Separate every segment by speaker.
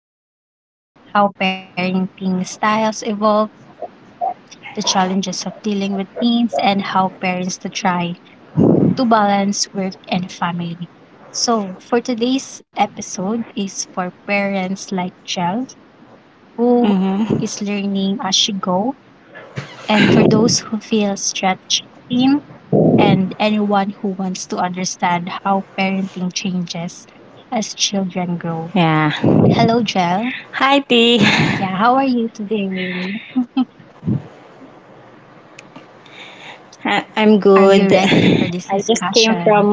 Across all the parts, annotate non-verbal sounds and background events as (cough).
Speaker 1: baby and raising a teenager, how parenting styles evolve, the challenges of dealing with teens, and how parents to try to balance work and family. So, for today's episode is for parents like Jel, who
Speaker 2: Mm-hmm.
Speaker 1: is learning as she goes and for those who feel stretched thin, and anyone who wants to understand how parenting changes as children grow.
Speaker 2: Yeah.
Speaker 1: Hello, Jel.
Speaker 2: Hi, T. (laughs)
Speaker 1: Yeah, how are you today?
Speaker 2: I'm
Speaker 1: Are you
Speaker 2: good.
Speaker 1: ready for this
Speaker 2: I just came from
Speaker 1: discussion?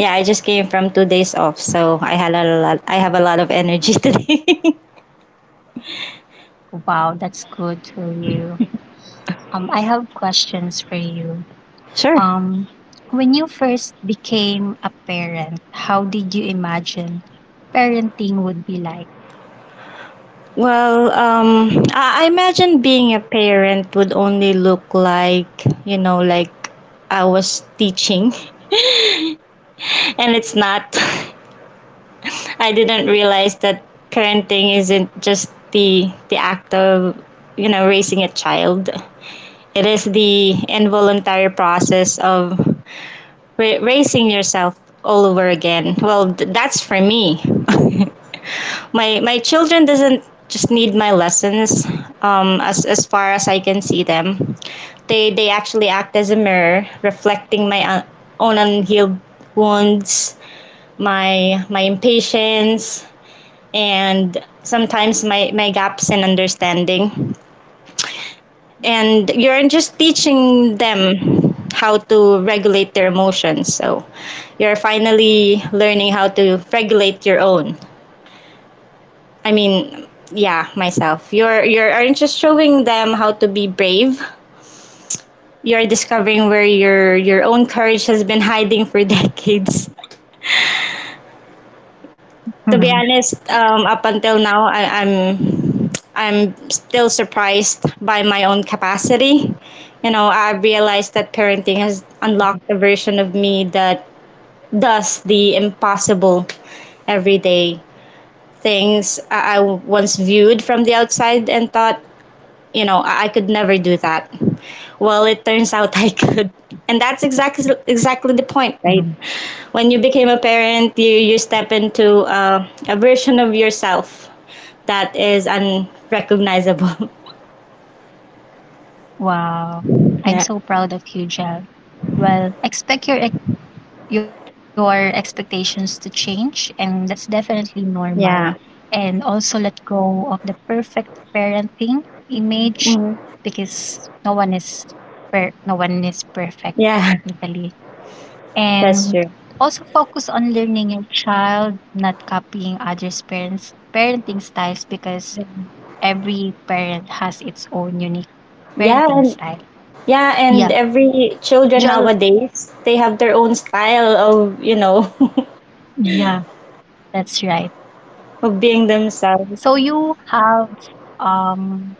Speaker 2: Yeah, I just came from 2 days off, so I had a lot. I have a lot of energy (laughs) today.
Speaker 1: Wow, that's good for you. I have questions for you.
Speaker 2: Sure.
Speaker 1: Um, when you first became a parent, how did you imagine parenting would be like?
Speaker 2: Well, I imagine being a parent would only look like, you know, like, I was teaching, (laughs) and it's not. (laughs) I didn't realize that parenting isn't just the act of, you know, raising a child. It is the involuntary process of raising yourself all over again. Well, that's for me. (laughs) My children doesn't just need my lessons. As far as I can see them, they actually act as a mirror, reflecting my own unhealed wounds, my impatience, and sometimes my gaps in understanding, and you're just teaching them how to regulate their emotions. So you're finally learning how to regulate your own. I mean, yeah, myself. You're aren't just showing them how to be brave. You're discovering where your own courage has been hiding for (laughs) decades. To be honest, up until now, I'm I'm still surprised by my own capacity. You know, I realized that parenting has unlocked a version of me that does the impossible every day. Things I once viewed from the outside and thought, you know, I could never do that. Well, it turns out (laughs) I could. And that's exactly the point,
Speaker 1: (laughs)
Speaker 2: right? When you became a parent, you step into a version of yourself that is unrecognizable.
Speaker 1: Wow.
Speaker 2: (laughs)
Speaker 1: I'm
Speaker 2: Yeah.
Speaker 1: so proud of you, Jel. Well, expect your your expectations to change, and that's definitely normal.
Speaker 2: Yeah.
Speaker 1: And also let go of the perfect parenting image
Speaker 2: Mhm.
Speaker 1: because no one is perfect
Speaker 2: Yeah,
Speaker 1: technically.
Speaker 2: that's
Speaker 1: And
Speaker 2: true.
Speaker 1: also focus on learning your child, not copying others' parents parenting styles, because every parent has its own unique
Speaker 2: Yeah,
Speaker 1: parenting
Speaker 2: and
Speaker 1: style.
Speaker 2: yeah, and
Speaker 1: Yeah.
Speaker 2: every children
Speaker 1: Jel,
Speaker 2: nowadays, they have their own style of, you know,
Speaker 1: yeah, that's right.
Speaker 2: (laughs) of being themselves.
Speaker 1: So you have um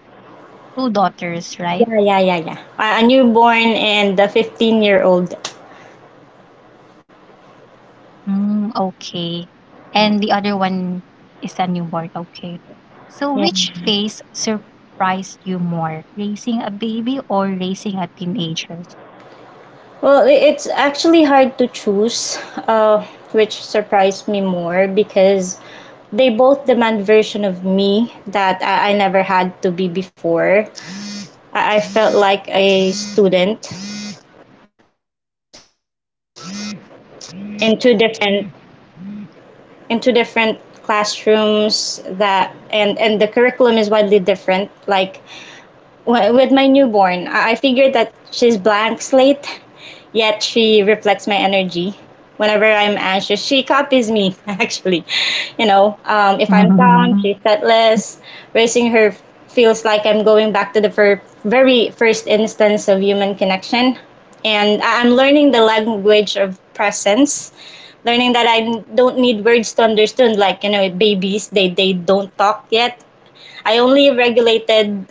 Speaker 1: two daughters, right?
Speaker 2: Yeah, yeah, yeah, yeah. A newborn and a 15-year-old.
Speaker 1: Mm, okay.
Speaker 2: Yeah.
Speaker 1: And the other one is a newborn, okay. So
Speaker 2: Yeah.
Speaker 1: which phase surprised you more, raising a baby or raising a teenager?
Speaker 2: Well, it's actually hard to choose, uh, which surprised me more because they both demand version of me that I never had to be before. I felt like a student into into different classrooms that and the curriculum is widely different. Like, with my newborn, I figured that she's blank slate. Yet she reflects my energy. Whenever I'm anxious, she copies me, (laughs) actually. You know, if I'm calm, she's
Speaker 1: (laughs)
Speaker 2: thoughtless. Raising her feels like I'm going back to the very first instance of human connection. And I'm learning the language of presence, learning that I don't need words to understand. Like, you know, babies, they don't talk yet. I only regulated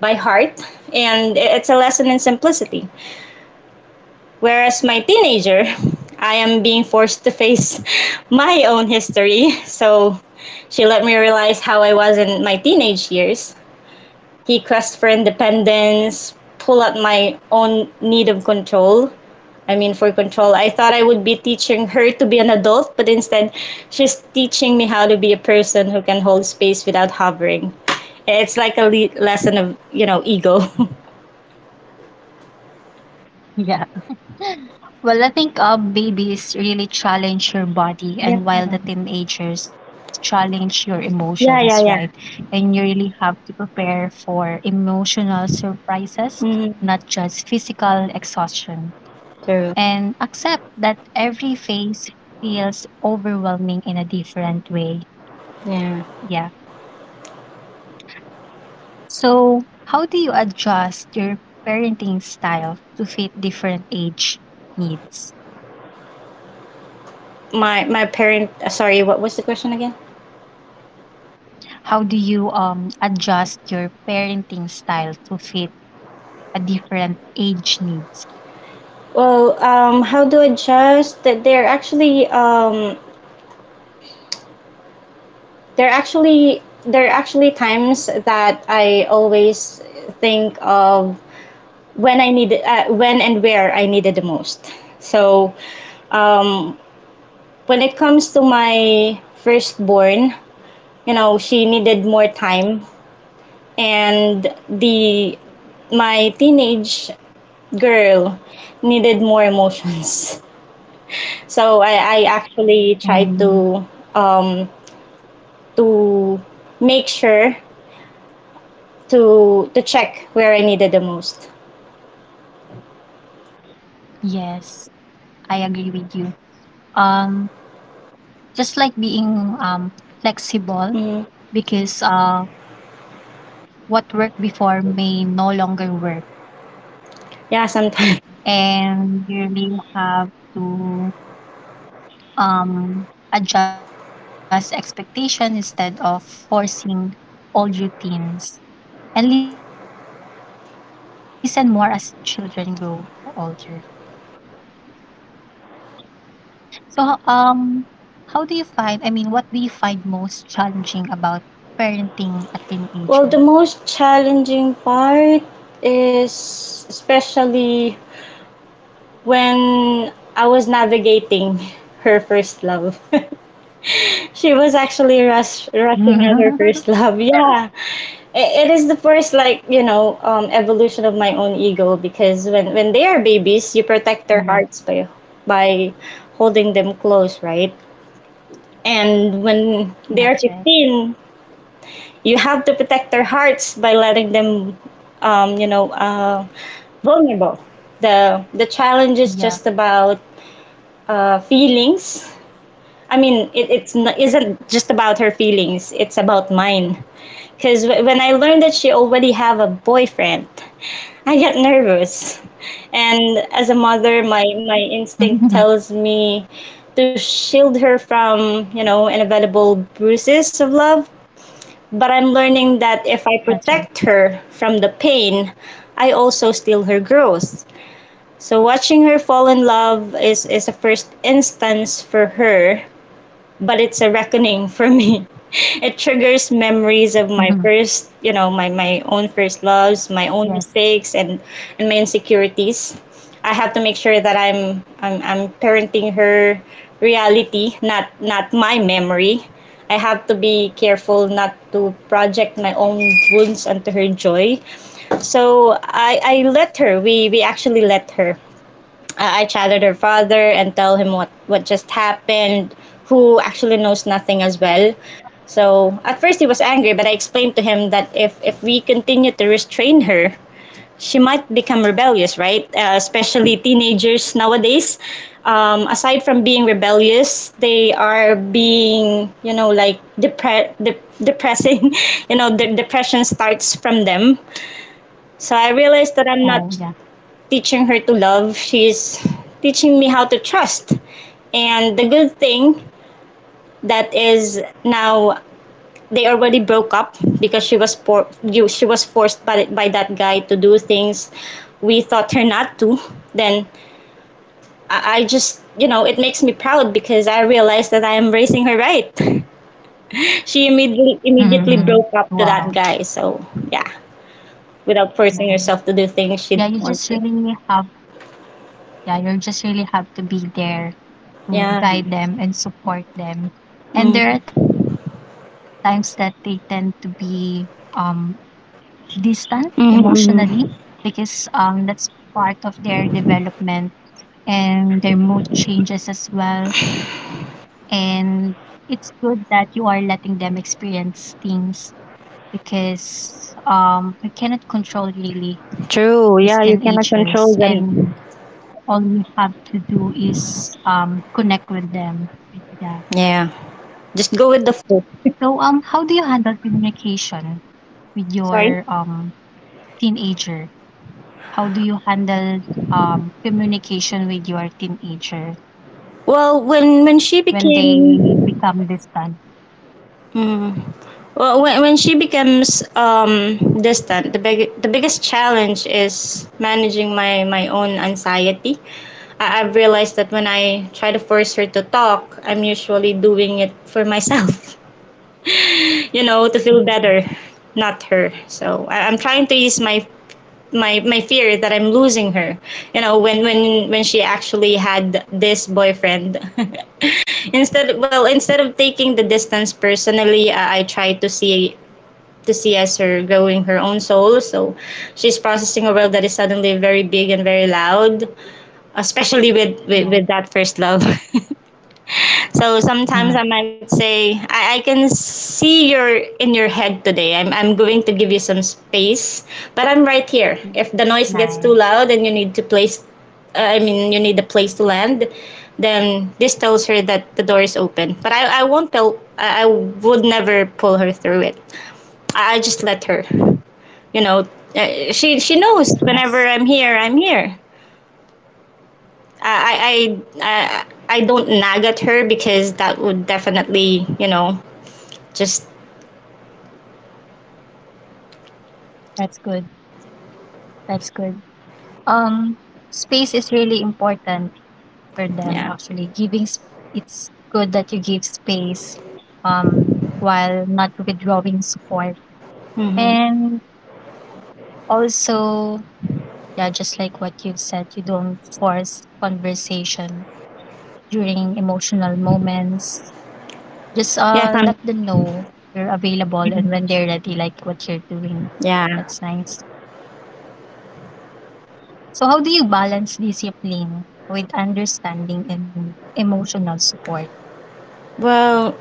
Speaker 2: by heart, and it's a lesson in simplicity. Whereas my teenager, I am being forced to face (laughs) my own history. So she let me realize how I was in my teenage years. He quest for independence, pull at my own need of control. For control. I thought I would be teaching her to be an adult, but instead, she's teaching me how to be a person who can hold space without hovering. It's like a lesson of, you know, ego. (laughs)
Speaker 1: yeah. Well, I think babies really challenge your body,
Speaker 2: Yeah.
Speaker 1: and while the teenagers challenge your emotions,
Speaker 2: Yeah,
Speaker 1: right?
Speaker 2: yeah, yeah.
Speaker 1: And you really have to prepare for emotional surprises,
Speaker 2: Hmm.
Speaker 1: not just physical exhaustion.
Speaker 2: True.
Speaker 1: And accept that every phase feels overwhelming in a different way.
Speaker 2: Yeah.
Speaker 1: Yeah. So, how do you adjust your parenting style to fit different age needs?
Speaker 2: my parent Sorry, what was the question again?
Speaker 1: How do you adjust your parenting style to fit a different age needs?
Speaker 2: Well, how do I adjust? That, there are actually there are actually times that I always think of when I need when and where I need it the most. So, um when it comes to my firstborn, you know, she needed more time, and the my teenage girl needed more emotions. (laughs) So I actually tried
Speaker 1: Um,
Speaker 2: to, um, to make sure to check where I needed the most.
Speaker 1: yes, I agree with you. Um, just like being flexible,
Speaker 2: Mm,
Speaker 1: because what worked before may no longer work,
Speaker 2: yeah, sometimes. (laughs)
Speaker 1: and you really have to um, adjust expectation instead of forcing old routines and listen more as children grow older. So how do you find, I mean, what do you find most challenging about parenting a teenager?
Speaker 2: Well, the most challenging part is especially when I was navigating (laughs) her first love. (laughs) She was actually rushing at
Speaker 1: (laughs)
Speaker 2: her first love. (laughs) Yeah. It is the first, like, you know, evolution of my own ego because when they are babies, you protect their
Speaker 1: Yes,
Speaker 2: hearts by holding them close, right? And when they are
Speaker 1: that's right.
Speaker 2: 15, you have to protect their hearts by letting them, um, you know, uh,
Speaker 1: Yeah.
Speaker 2: vulnerable. The challenge is just about feelings. I mean, it's not, isn't just about her feelings. It's about mine. Because when I learned that she already have a boyfriend, I get nervous. And as a mother, my
Speaker 1: (laughs)
Speaker 2: instinct tells me to shield her from, you know, inevitable bruises of love. But I'm learning that if
Speaker 1: That's
Speaker 2: I
Speaker 1: right.
Speaker 2: protect her from the pain, I also steal her growth. So watching her fall in love is a first instance for her, but it's a reckoning for me. (laughs) It triggers memories of my
Speaker 1: Mhm.
Speaker 2: first, you know, my own first loves, my own
Speaker 1: Yes.
Speaker 2: mistakes, and my insecurities. I have to make sure that I'm parenting her reality, not my memory. I have to be careful not to project my own wounds onto her joy. So I let her. We actually let her. I chatted her father and tell him what just happened, who actually knows nothing as well. So at first he was angry, but I explained to him that if we continue to restrain her, she might become rebellious, right? Especially teenagers nowadays. Aside from being rebellious, they are being, you know, like depressing. (laughs) You know, the depression starts from them. So I realized that I'm
Speaker 1: Oh
Speaker 2: not
Speaker 1: yeah.
Speaker 2: teaching her to love. She's teaching me how to trust. And the good thing that is now they already broke up because she was forced by that guy to do things we thought her not to. Then I, just, you know, it makes me proud because I realized that I am raising her right. (laughs) She
Speaker 1: (laughs)
Speaker 2: immediately
Speaker 1: Mhm.
Speaker 2: broke up to
Speaker 1: Wow.
Speaker 2: that guy. So yeah, without
Speaker 1: Nice.
Speaker 2: forcing herself to do things
Speaker 1: Yeah,
Speaker 2: she
Speaker 1: you
Speaker 2: didn't
Speaker 1: just
Speaker 2: want to.
Speaker 1: really have yeah, you just really have to be there to
Speaker 2: Yeah.
Speaker 1: guide them and support them. And
Speaker 2: Mm.
Speaker 1: there are times that they tend to be um, distant emotionally
Speaker 2: Mm-hmm.
Speaker 1: because
Speaker 2: Mm-hmm.
Speaker 1: that's part of their development and their mood changes as well. And it's good that you are letting them experience things, because we cannot control really
Speaker 2: True.
Speaker 1: these
Speaker 2: Yeah, you cannot
Speaker 1: teenagers,
Speaker 2: control them.
Speaker 1: and all we have to do is connect with them. Yeah.
Speaker 2: Yeah. Just go with the flow. (laughs)
Speaker 1: So, how do you handle communication with
Speaker 2: Sorry.
Speaker 1: your teenager? How do you handle communication with your teenager
Speaker 2: Well, when she
Speaker 1: when they
Speaker 2: became
Speaker 1: become distant?
Speaker 2: Mm, well, when she becomes, distant, the biggest challenge is managing my own anxiety. I, I've realized that when I try to force her to talk, I'm usually doing it for myself, (laughs) you know, to feel
Speaker 1: Mhm.
Speaker 2: better, not her. So I'm trying to ease my fear that I'm losing her. You know, when she actually had this boyfriend. (laughs) Instead, well, instead of taking the distance personally, I try to see, to see as her growing her own soul. So she's processing a world that is suddenly very big and very loud, especially
Speaker 1: Yeah.
Speaker 2: with that first love. (laughs) So sometimes I
Speaker 1: Mhm.
Speaker 2: might say, I can see you're in your head today. I'm going to give you some space, but I'm right here. If the noise
Speaker 1: Nice.
Speaker 2: gets too loud and you need to place, I mean, you need a place to land, then this tells her that the door is open. But I won't tell, I would never pull her through it. I just let her, you know. She knows
Speaker 1: Yes,
Speaker 2: whenever I'm here, I'm here. I don't nag at her because that would definitely, you know, just
Speaker 1: that's good. That's good. Um, space is really important for them actually.
Speaker 2: yeah.
Speaker 1: It's good that you give space um while not withdrawing support,
Speaker 2: Hmm.
Speaker 1: and also yeah, just like what you've said, you don't force conversation during emotional moments. Just let them
Speaker 2: Yes, I'm
Speaker 1: know you're available, and when they're
Speaker 2: mhm.
Speaker 1: ready, like what you're doing. That's
Speaker 2: Yeah.
Speaker 1: nice. So how do you balance discipline with understanding and emotional support?
Speaker 2: Well,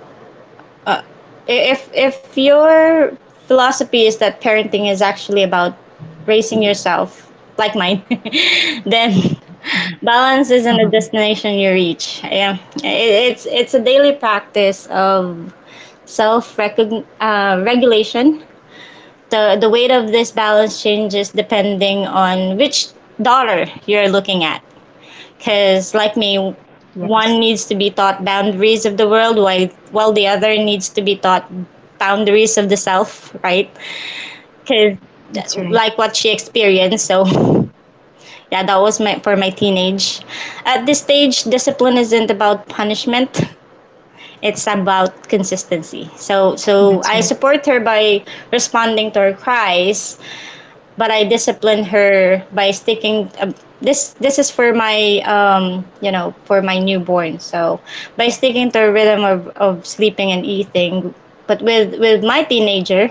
Speaker 2: uh, if your philosophy is that parenting is actually about raising yourself, like mine, (laughs) then
Speaker 1: Yeah.
Speaker 2: balance isn't
Speaker 1: Mhm.
Speaker 2: a
Speaker 1: (laughs)
Speaker 2: destination you reach. Yeah, it's a daily practice of self regulation. The weight of this balance changes depending on which dollar you're looking at, because like me,
Speaker 1: Yes,
Speaker 2: one needs to be taught boundaries of the world, while the other needs to be taught boundaries of the self, right?
Speaker 1: that's
Speaker 2: Because
Speaker 1: right.
Speaker 2: like what she experienced, so (laughs) yeah, that was my for my teenage. At this stage, discipline isn't about punishment. It's about consistency.
Speaker 1: That's
Speaker 2: So
Speaker 1: right.
Speaker 2: so I support her by responding to her cries, but I disciplined her by sticking. This this is for my, um, you know, for my newborn. So by sticking to a rhythm of sleeping and eating, but with my teenager,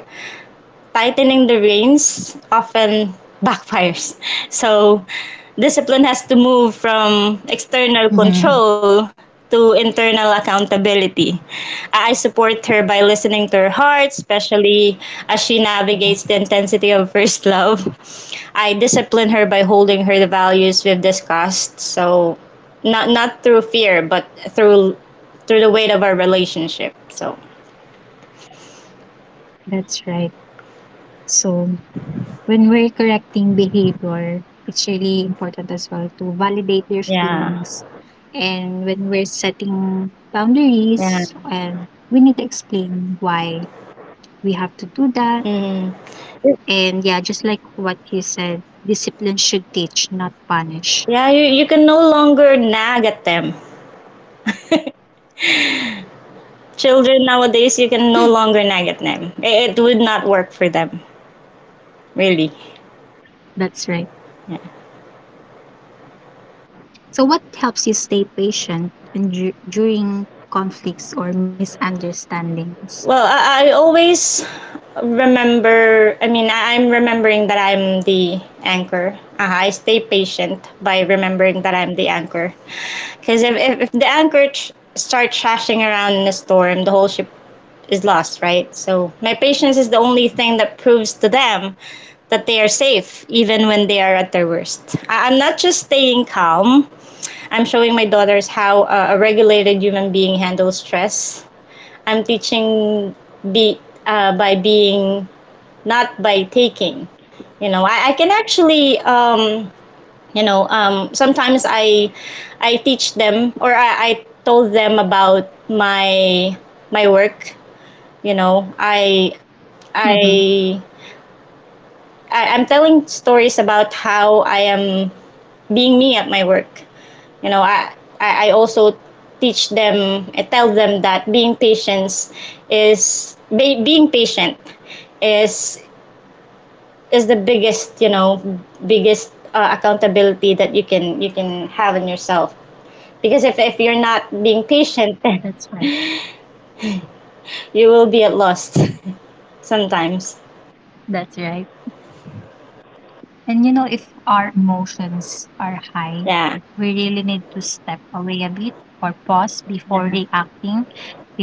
Speaker 2: tightening the reins often backfires. So, discipline has to move
Speaker 1: Mhm.
Speaker 2: from external control to internal accountability. I support her by listening to her heart, especially
Speaker 1: Yeah,
Speaker 2: as she navigates the intensity of first (laughs) love. I discipline her by holding her the values we've discussed. So, not not through fear, but through through the weight of our relationship. So,
Speaker 1: that's right. So when we're correcting behavior, it's really important as well to validate their
Speaker 2: yeah,
Speaker 1: feelings. And when we're setting
Speaker 2: yeah.
Speaker 1: boundaries, and we need to explain why we have to do that.
Speaker 2: Mm.
Speaker 1: And yeah, just like what you said, discipline should teach, not punish.
Speaker 2: Yeah, you can no longer nag at them. (laughs) Children nowadays, you
Speaker 1: Hmm.
Speaker 2: can no longer nag at them. It would not work for them, really.
Speaker 1: That's right.
Speaker 2: Yeah.
Speaker 1: So, what helps you stay patient and during conflicts or misunderstandings?
Speaker 2: Well, I always I, I'm remembering that I'm the anchor. I stay patient by remembering that I'm the anchor. Because if the anchor starts thrashing around in a storm, the whole ship is lost, right? So my patience is the only thing that proves to them that they are safe, even when they are at their worst. I'm not just staying calm, I'm showing my daughters how a regulated human being handles stress. I'm teaching be by being, not by taking. You know, I can actually, you know, sometimes I teach them, or I told them about my work. You know,
Speaker 1: Mm-hmm.
Speaker 2: I I'm telling stories about how I am being me at my work. You know, I also teach them. I tell them that being patience is, being patient is, the biggest, biggest accountability that you can have in yourself, because if you're not being patient (laughs) then
Speaker 1: That's right.
Speaker 2: you will be at lost (laughs) sometimes.
Speaker 1: That's right. And you know, if our emotions are high,
Speaker 2: Yeah.
Speaker 1: we really need to step away a bit or pause before
Speaker 2: Yeah.
Speaker 1: reacting,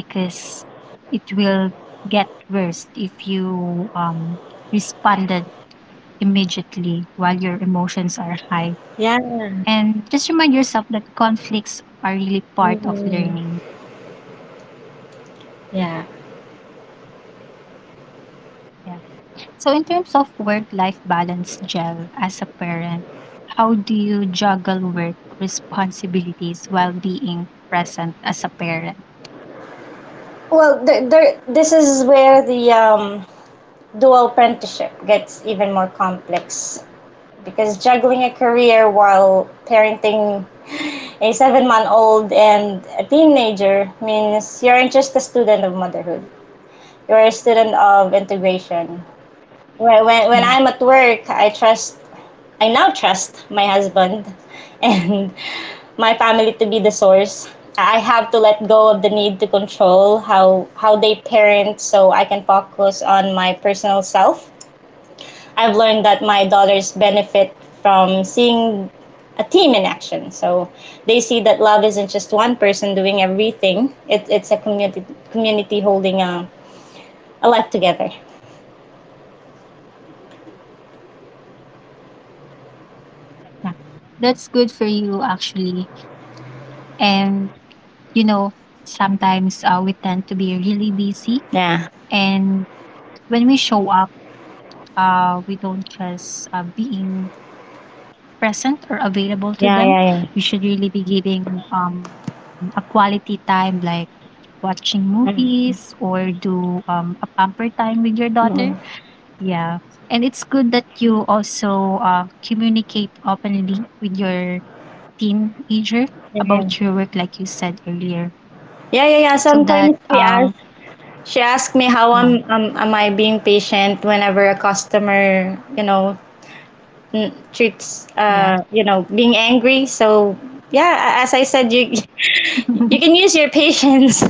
Speaker 1: because it will get worse if you responded immediately while your emotions are high.
Speaker 2: Yeah.
Speaker 1: And just remind yourself that conflicts are really part of
Speaker 2: Mhm.
Speaker 1: learning.
Speaker 2: Yeah.
Speaker 1: Yeah. So, in terms of work life balance, Gel as a parent, how do you juggle work responsibilities while being present as a parent?
Speaker 2: Well there, this is where the dual apprenticeship gets even more complex, because juggling a career while parenting a 7-month old and a teenager means you're not just a student of motherhood, you're a student of integration.
Speaker 1: Yeah,
Speaker 2: When I'm at work, I now trust my husband (laughs) and my family to be the source. I have to let go of the need to control how they parent, so I can focus on my personal self. I've learned that my daughters benefit from seeing a team in action. So they see that love isn't just one person doing everything. It's a community, holding a life together.
Speaker 1: yeah. That's good for you, actually. And, you know, sometimes we tend to be really busy.
Speaker 2: Yeah.
Speaker 1: And when we show up, we don't just being present or available to
Speaker 2: Yeah,
Speaker 1: them.
Speaker 2: yeah.
Speaker 1: We should really be giving a quality time, like watching movies
Speaker 2: Mm-hmm.
Speaker 1: or do a pamper time with your daughter.
Speaker 2: Mm-hmm.
Speaker 1: Yeah. And it's good that you also communicate openly with your teenager
Speaker 2: Yeah. Mm, mm.
Speaker 1: about your work, like you said earlier,
Speaker 2: Yeah, yeah, yeah. Yeah.
Speaker 1: so that,
Speaker 2: Sometimes she asks, she asked me how
Speaker 1: yeah,
Speaker 2: am I being patient whenever a customer, you know, mm, treats
Speaker 1: yeah.
Speaker 2: you know, being angry. So yeah, as I said, you (laughs) you
Speaker 1: (laughs)
Speaker 2: can use your patience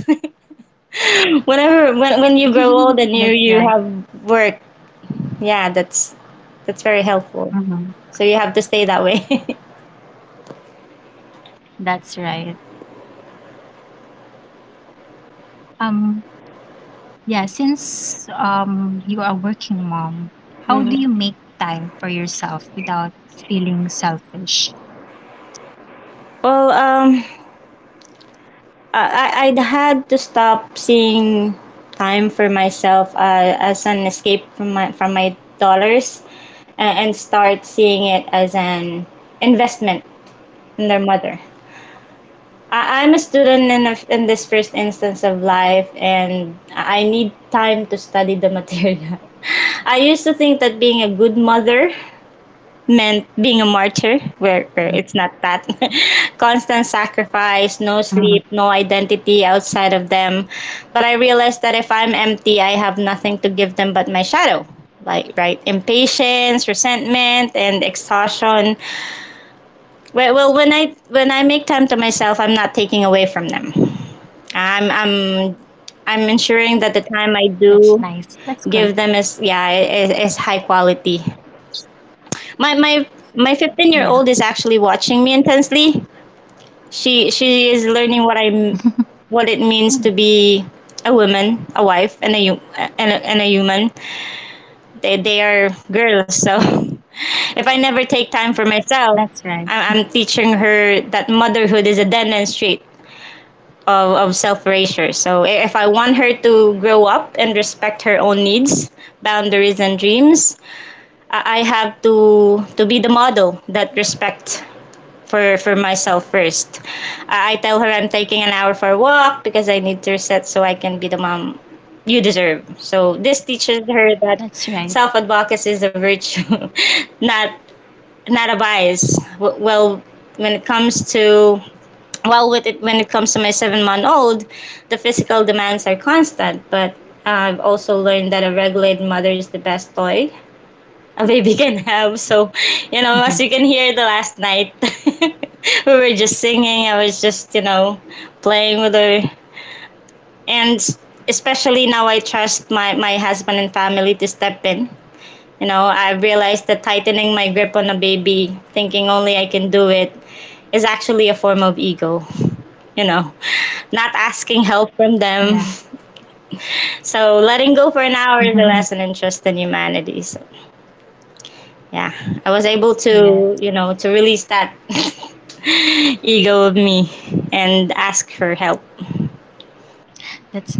Speaker 2: (laughs) whenever, when you grow old and
Speaker 1: That's right.
Speaker 2: you have work. Yeah, that's very helpful.
Speaker 1: Hmm.
Speaker 2: So you have to stay that way. (laughs)
Speaker 1: That's right. Um, yeah, since you are a working mom, how do
Speaker 2: Mhm.
Speaker 1: you make time for yourself without feeling selfish?
Speaker 2: Well, I'd had to stop seeing time for myself as an escape from my dollars, and start seeing it as an investment and their mother. I'm a student in, a, in this first instance of life, and I need time to study the material. (laughs) I used to think that being a good mother meant being a martyr, where it's not that. (laughs) Constant sacrifice, no
Speaker 1: Mm-hmm.
Speaker 2: sleep, no identity outside of them. But I realized that if I'm empty, I have nothing to give them but my shadow. Like, right, impatience, resentment, and exhaustion. Well, when I make time to myself, I'm not taking away from them. I'm I'm I'm ensuring that the time
Speaker 1: That's
Speaker 2: I
Speaker 1: nice.
Speaker 2: do
Speaker 1: That's good.
Speaker 2: give them is, yeah, is high quality. My my my 15-year
Speaker 1: Yeah.
Speaker 2: year old is actually watching me intensely. She is learning what
Speaker 1: (laughs)
Speaker 2: I'm what it means to be a woman, a wife, and a hu- and a human. They are girls,
Speaker 1: Yeah,
Speaker 2: so (laughs) if I never take time for
Speaker 1: that's
Speaker 2: myself,
Speaker 1: right.
Speaker 2: I'm teaching her that motherhood is a dead end street of, self erasure. So if I want her to grow up and respect her own needs, boundaries, and dreams, I have to be the model that respect for myself first. I tell her I'm taking an hour for a walk because I need to reset so I can be the mom you deserve. So this
Speaker 1: That's
Speaker 2: teaches
Speaker 1: right.
Speaker 2: her that self advocacy is a virtue, (laughs) not not a bias. Well, when it comes to, while with it when it comes to my 7-month old, the physical demands are constant, but I've also learned that a regulated mother is the best toy a baby (laughs) can have. So
Speaker 1: Mhm.
Speaker 2: you know, as you can hear, the last night (laughs) we were just singing. I was just, you know, playing with her. And especially now, I trust my husband and family to step in. You know, I realized that tightening my grip on a baby, thinking only I can do it, is actually a form of ego, you know, not asking
Speaker 1: Yeah.
Speaker 2: help from them. So letting go for an hour is a
Speaker 1: (laughs)
Speaker 2: lesson in trust in humanity. So yeah, I was able
Speaker 1: Yeah,
Speaker 2: to, you know, to release that (laughs) ego of me and ask for help.
Speaker 1: that's nice. And you know,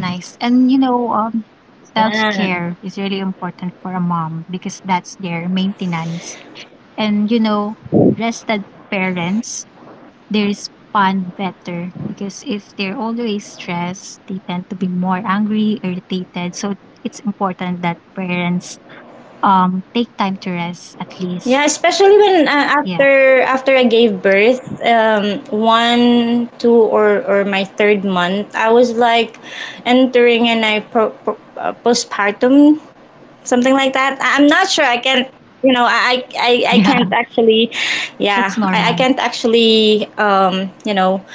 Speaker 1: self-care is really important
Speaker 2: Yeah.
Speaker 1: for a mom because that's their maintenance. And you know, rested parents, they respond better, because if they're always stressed, they tend to be more angry, irritated. So it's important that parents take time to rest at
Speaker 2: Yeah,
Speaker 1: least.
Speaker 2: especially when,
Speaker 1: Yeah.
Speaker 2: after, I gave birth. One, two, or my third month, I was like entering an I postpartum, something like that. I'm not sure. I can't. You know,
Speaker 1: Yeah.
Speaker 2: I can't
Speaker 1: (laughs) That's
Speaker 2: actually.
Speaker 1: normal.
Speaker 2: Yeah, I can't actually. You know,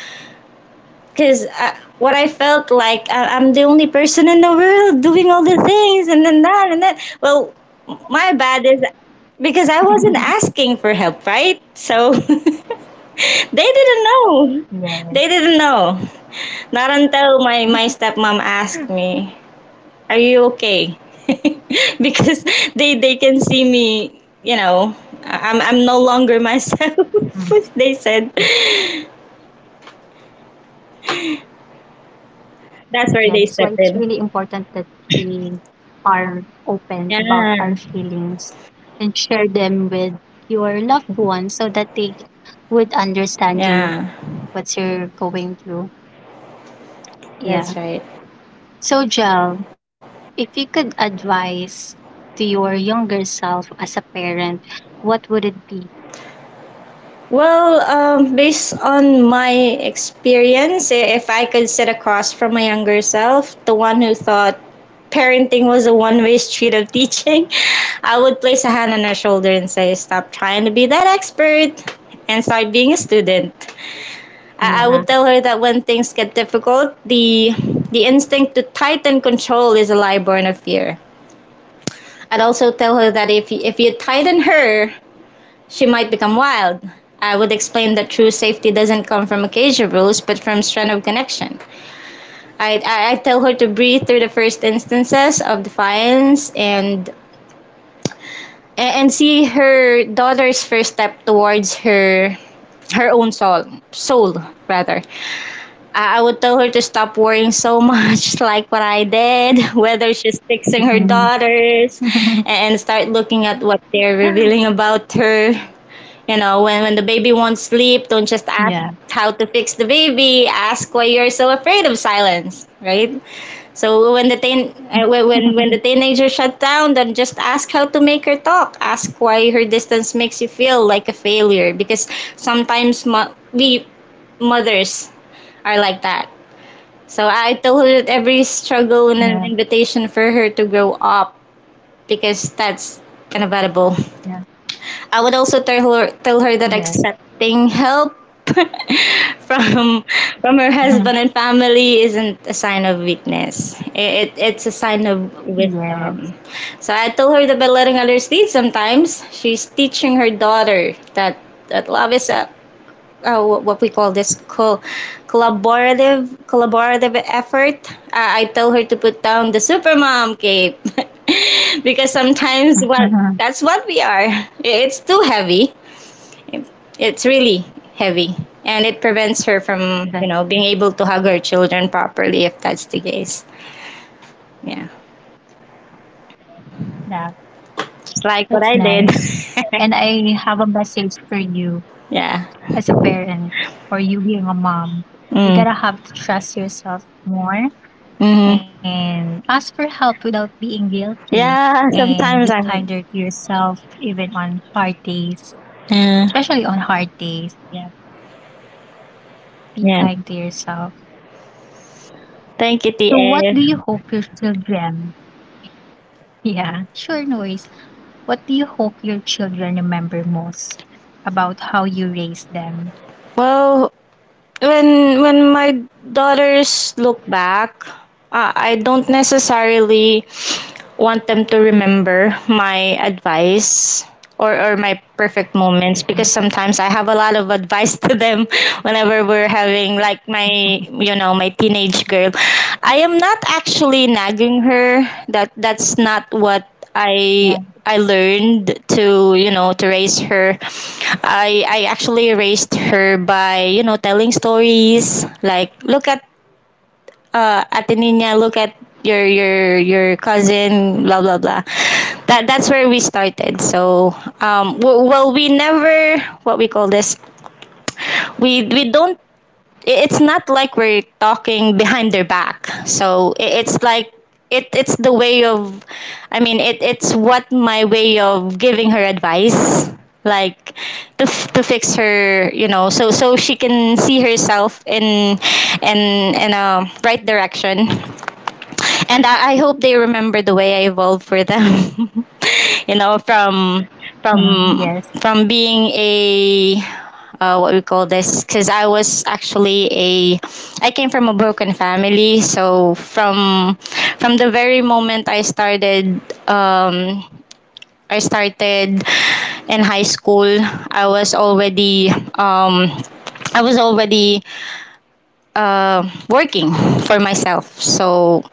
Speaker 2: because what I felt like, I'm the only person in the world doing all the things, and then that, and that. Well, my bad is because I wasn't asking for help, right? So (laughs) they didn't know.
Speaker 1: Yes.
Speaker 2: They didn't know. Not until my stepmom asked me, are you okay? (laughs) Because they can see me, you know, I- am I'm no longer myself.
Speaker 1: Mhm.
Speaker 2: (laughs) They said
Speaker 1: Yeah, that's
Speaker 2: that's
Speaker 1: why
Speaker 2: where
Speaker 1: it's
Speaker 2: they
Speaker 1: really
Speaker 2: step in.
Speaker 1: important that we are open about our
Speaker 2: Yeah.
Speaker 1: feelings and share them with your loved ones, so that they would understand you,
Speaker 2: Yeah,
Speaker 1: what you're going through. Yeah.
Speaker 2: that's right.
Speaker 1: So, Jel, if you could advise to your younger self as a parent, what would it be?
Speaker 2: Well, based on my experience, if I could sit across from my younger self, the one who thought parenting was a one-way street of teaching, (laughs) I would place a hand on her shoulder and say, stop trying to be that expert and start being a student.
Speaker 1: Yeah.
Speaker 2: I would tell her that when things get difficult, the instinct to tighten control is a lie born of fear. I'd also tell her that if you tighten her, she might become wild. I would explain that true safety doesn't come from occasion rules, but from strength of connection. I tell her to breathe through the first instances of defiance, and see her daughter's first step towards her own soul, soul rather. I would tell her to stop worrying so much, (laughs) like what I did, (laughs) whether she's fixing her
Speaker 1: (laughs)
Speaker 2: daughters,
Speaker 1: yeah. (laughs)
Speaker 2: and start looking at what they're revealing about her. You know, when the baby won't sleep, don't just
Speaker 1: Yeah.
Speaker 2: ask how to fix the baby, ask why you're so afraid of silence, right? So when the teen, when the
Speaker 1: (laughs)
Speaker 2: teenager shut down, then just ask how to make her talk. Ask why her distance makes you feel like a failure. Because sometimes we mothers are like that. So I told her that every struggle and an
Speaker 1: Yeah.
Speaker 2: invitation for her to grow up, because that's unavoidable. I would also tell her that
Speaker 1: Yes.
Speaker 2: accepting help (laughs) from, her
Speaker 1: Mhm.
Speaker 2: husband and family isn't a sign of weakness. It's a sign of wisdom.
Speaker 1: Yes.
Speaker 2: So I told her that by letting others lead, sometimes she's teaching her daughter that love is a, what we call this, collaborative, effort. I tell her to put down the supermom cape (laughs) because sometimes what,
Speaker 1: (laughs) Mhm.
Speaker 2: that's what we are. It's too heavy. It's really heavy, and it prevents her from, you know,
Speaker 1: That's
Speaker 2: being able to hug her children properly, if that's the case. Yeah,
Speaker 1: yeah,
Speaker 2: just
Speaker 1: that's
Speaker 2: like what I
Speaker 1: nice.
Speaker 2: did.
Speaker 1: And I have a message for you
Speaker 2: (laughs) Yeah.
Speaker 1: as a parent, or you being a mom. You
Speaker 2: Mm.
Speaker 1: gotta have to trust yourself more
Speaker 2: Mm-hmm.
Speaker 1: and ask for help without being guilty,
Speaker 2: Yeah.
Speaker 1: and be
Speaker 2: Sometimes I'm.
Speaker 1: kinder to yourself even on hard days,
Speaker 2: Yeah.
Speaker 1: especially on hard days. Yeah, be
Speaker 2: Yeah.
Speaker 1: kind to yourself.
Speaker 2: Thank you,
Speaker 1: So what
Speaker 2: TA.
Speaker 1: do you hope your children? (laughs) Yeah, sure, no worries. What do you hope your children remember most about how you raised them?
Speaker 2: Well, when my daughters look back, I don't necessarily want them to remember my advice, or my perfect
Speaker 1: Mhm.
Speaker 2: moments, because sometimes I have a lot of advice to them (laughs) whenever we're having, like, my,
Speaker 1: (laughs)
Speaker 2: you know, my teenage girl. I am not actually nagging her. That's not what
Speaker 1: Yeah.
Speaker 2: I I learned, to you know, to raise her. I actually raised her by, you know, telling stories, like, look at Ate Nina, look at your your cousin, blah blah blah. That's where we started. So well, we never, what we call this, we don't, it's not like we're talking behind their back. So it's like it's the way of, I mean, it's what, my way of giving her advice, like, to fix her, you know, so she can see herself in, in in a right direction. And I hope they remember the way I evolved for them. (laughs) You know, from,
Speaker 1: Mhm. Yes.
Speaker 2: from from being a, what we call this, because I was actually a, I came from a broken family. So from, the very moment I started, um I started in high school, I was already, um I was already, uh, working for myself. So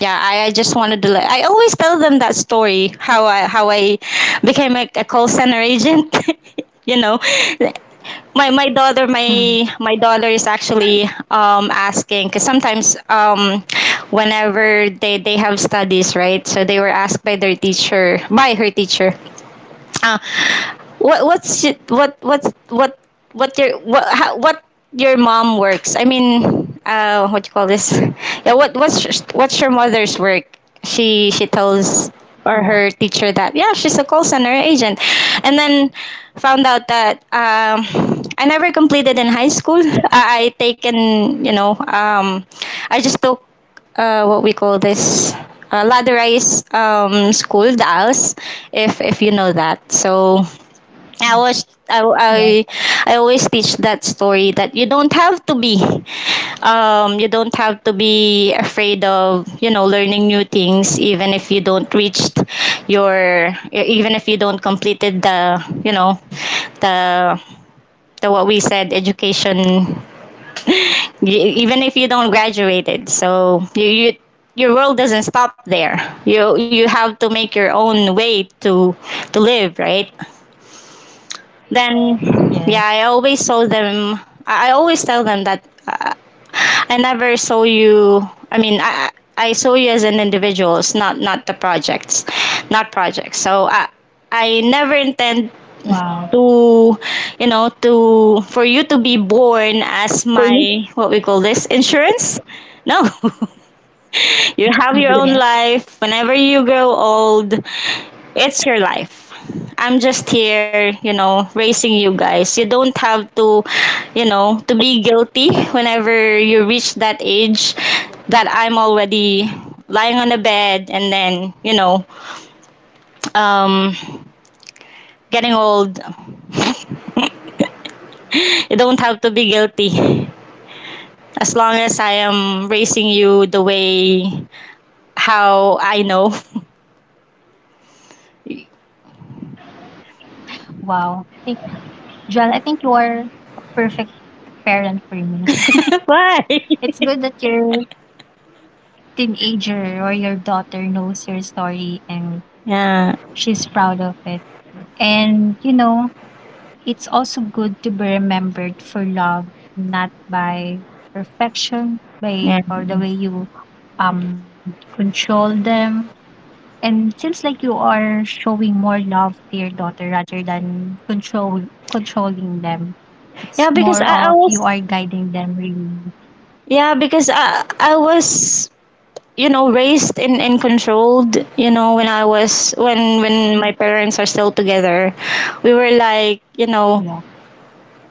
Speaker 2: yeah, I just wanted to, like, I always tell them that story, how I, how I became a call center agent. (laughs) You know, my my daughter
Speaker 1: (laughs)
Speaker 2: my my daughter is actually, asking, because sometimes, whenever they have studies, right? So they were asked by their teacher, by her teacher, uh, what what's, what your what, what your mom works? I mean, what you call this? (laughs) Yeah, what what's your mother's work? She tells or
Speaker 1: Yeah.
Speaker 2: her teacher that yeah, she's a call center agent, and then found out that, I never completed in high school. I taken, you know, I just took, what we call this, ladderized, school, the ALS, if you know that. So
Speaker 1: Yeah.
Speaker 2: I was I, I
Speaker 1: Yes.
Speaker 2: I always teach that story, that you don't have to be, you don't have to be afraid of, you know, learning new things, even if you don't reached your, even if you don't completed the, you know, the the, what we said, education, y- even if you don't graduated. So you your world doesn't stop there. You have to make your own way to, live, right? Then
Speaker 1: Yes.
Speaker 2: yeah, I always told them, I always tell them that, I never saw you, I mean, I saw you as an individuals, not, the projects, not projects. So I never intend
Speaker 1: Wow.
Speaker 2: to, you know, to, for you to be born as
Speaker 1: For
Speaker 2: my,
Speaker 1: you?
Speaker 2: what we call this, insurance. No. (laughs) You have
Speaker 1: Mhm.
Speaker 2: your own
Speaker 1: Yes.
Speaker 2: life. Whenever you grow old, it's your life. I'm just here, you know, raising you guys. You don't have to, you know, to be guilty whenever you reach that age that I'm already lying on the bed and then, you know, um, getting old. (laughs) You don't have to be guilty, as long as I am raising you the way how I know.
Speaker 1: Wow. Thank- Jel, I think you are perfect parent for me.
Speaker 2: (laughs) Why?
Speaker 1: It's good that you're teenager or your daughter knows your story, and
Speaker 2: Yeah,
Speaker 1: she's proud of it. And you know, it's also good to be remembered for love, not by perfection, by
Speaker 2: yeah.
Speaker 1: or the way you control them. And seems like you are showing more love to your daughter rather than controlling them.
Speaker 2: Yeah,
Speaker 1: It's
Speaker 2: because
Speaker 1: more
Speaker 2: I
Speaker 1: of you
Speaker 2: was
Speaker 1: are guiding them really.
Speaker 2: yeah, because I was, you know, raised in and controlled, you know, when I was when
Speaker 1: Yeah.
Speaker 2: my parents are still together, we were like, you know,
Speaker 1: Yeah.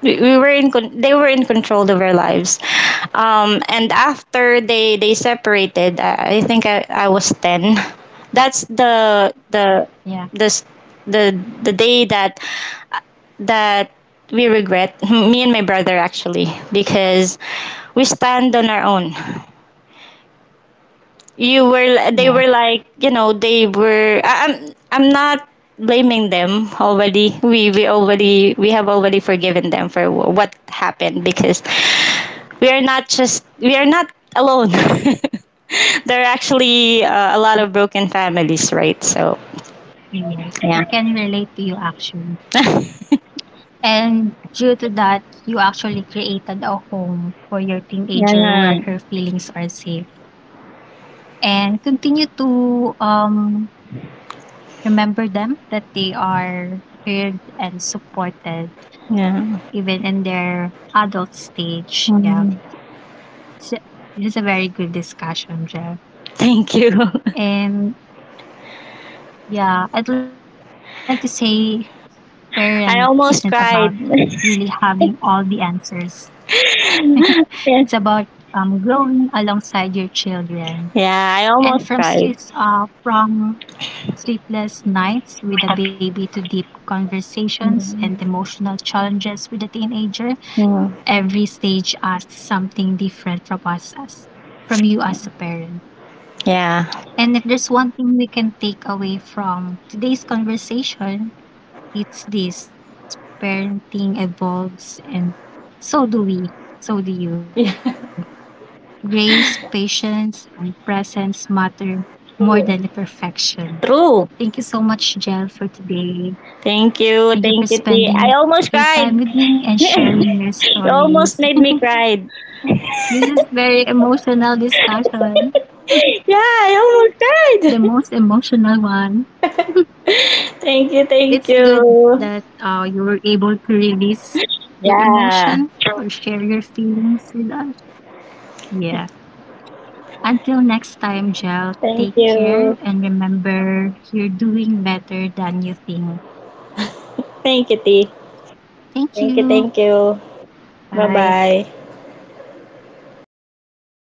Speaker 2: we were in they were in control of our lives. And after they, separated, I think I was 10. That's the
Speaker 1: Yeah.
Speaker 2: the s- the the day that, that we regret, (laughs) me and my brother actually, because we stand on our own. You were, they
Speaker 1: Yeah.
Speaker 2: were like, you know, they were. I'm, not blaming them already. We already, we have already forgiven them for what happened, because we are not alone. (laughs) There are actually a lot of broken families, right? So,
Speaker 1: Yes.
Speaker 2: yeah.
Speaker 1: I can relate to you actually.
Speaker 2: (laughs)
Speaker 1: And due to that, you actually created a home for your teenager
Speaker 2: Yeah,
Speaker 1: where her feelings are safe, and continue to remember them that they are heard and supported
Speaker 2: yeah.
Speaker 1: even in their adult stage. Yeah.
Speaker 2: Mm.
Speaker 1: So, this is a very good discussion, Jeff.
Speaker 2: Thank you. (laughs)
Speaker 1: And yeah, I'd like to say parent isn't
Speaker 2: I
Speaker 1: about
Speaker 2: almost cried.
Speaker 1: really having all the answers.
Speaker 2: (laughs)
Speaker 1: (laughs) It's
Speaker 2: Yeah.
Speaker 1: about growing alongside your children,
Speaker 2: Yeah, I
Speaker 1: and
Speaker 2: almost cried.
Speaker 1: from sleepless nights with a baby to deep conversations
Speaker 2: Mm.
Speaker 1: and emotional challenges with a teenager,
Speaker 2: Mm.
Speaker 1: every stage asks something different from us, as from you as a parent.
Speaker 2: Yeah.
Speaker 1: And if there's one thing we can take away from today's conversation, it's this: parenting evolves, and so do we, so do you.
Speaker 2: Yeah.
Speaker 1: Grace, patience and presence matter more than the
Speaker 2: True.
Speaker 1: perfection.
Speaker 2: True.
Speaker 1: Thank you so much, Jel, for today.
Speaker 2: Thank you.
Speaker 1: Thank you for
Speaker 2: Thank you, T. I
Speaker 1: spending
Speaker 2: almost
Speaker 1: your time
Speaker 2: cried.
Speaker 1: with me
Speaker 2: (laughs)
Speaker 1: and sharing your
Speaker 2: You almost
Speaker 1: stories.
Speaker 2: made
Speaker 1: (laughs)
Speaker 2: me cry.
Speaker 1: This
Speaker 2: (laughs)
Speaker 1: is very emotional discussion.
Speaker 2: Yeah, I almost
Speaker 1: The
Speaker 2: cried.
Speaker 1: most emotional one.
Speaker 2: (laughs) Thank
Speaker 1: It's
Speaker 2: you.
Speaker 1: good
Speaker 2: Thank
Speaker 1: that
Speaker 2: you.
Speaker 1: you were able to release your emotion
Speaker 2: Yeah.
Speaker 1: or share your feelings with us. Yeah. Until next time, Jel,
Speaker 2: Thank
Speaker 1: take
Speaker 2: you.
Speaker 1: care and remember you're doing better than you think.
Speaker 2: Thank you, T.
Speaker 1: Thank you.
Speaker 2: Thank you, thank you.
Speaker 1: Bye.
Speaker 2: Bye-bye.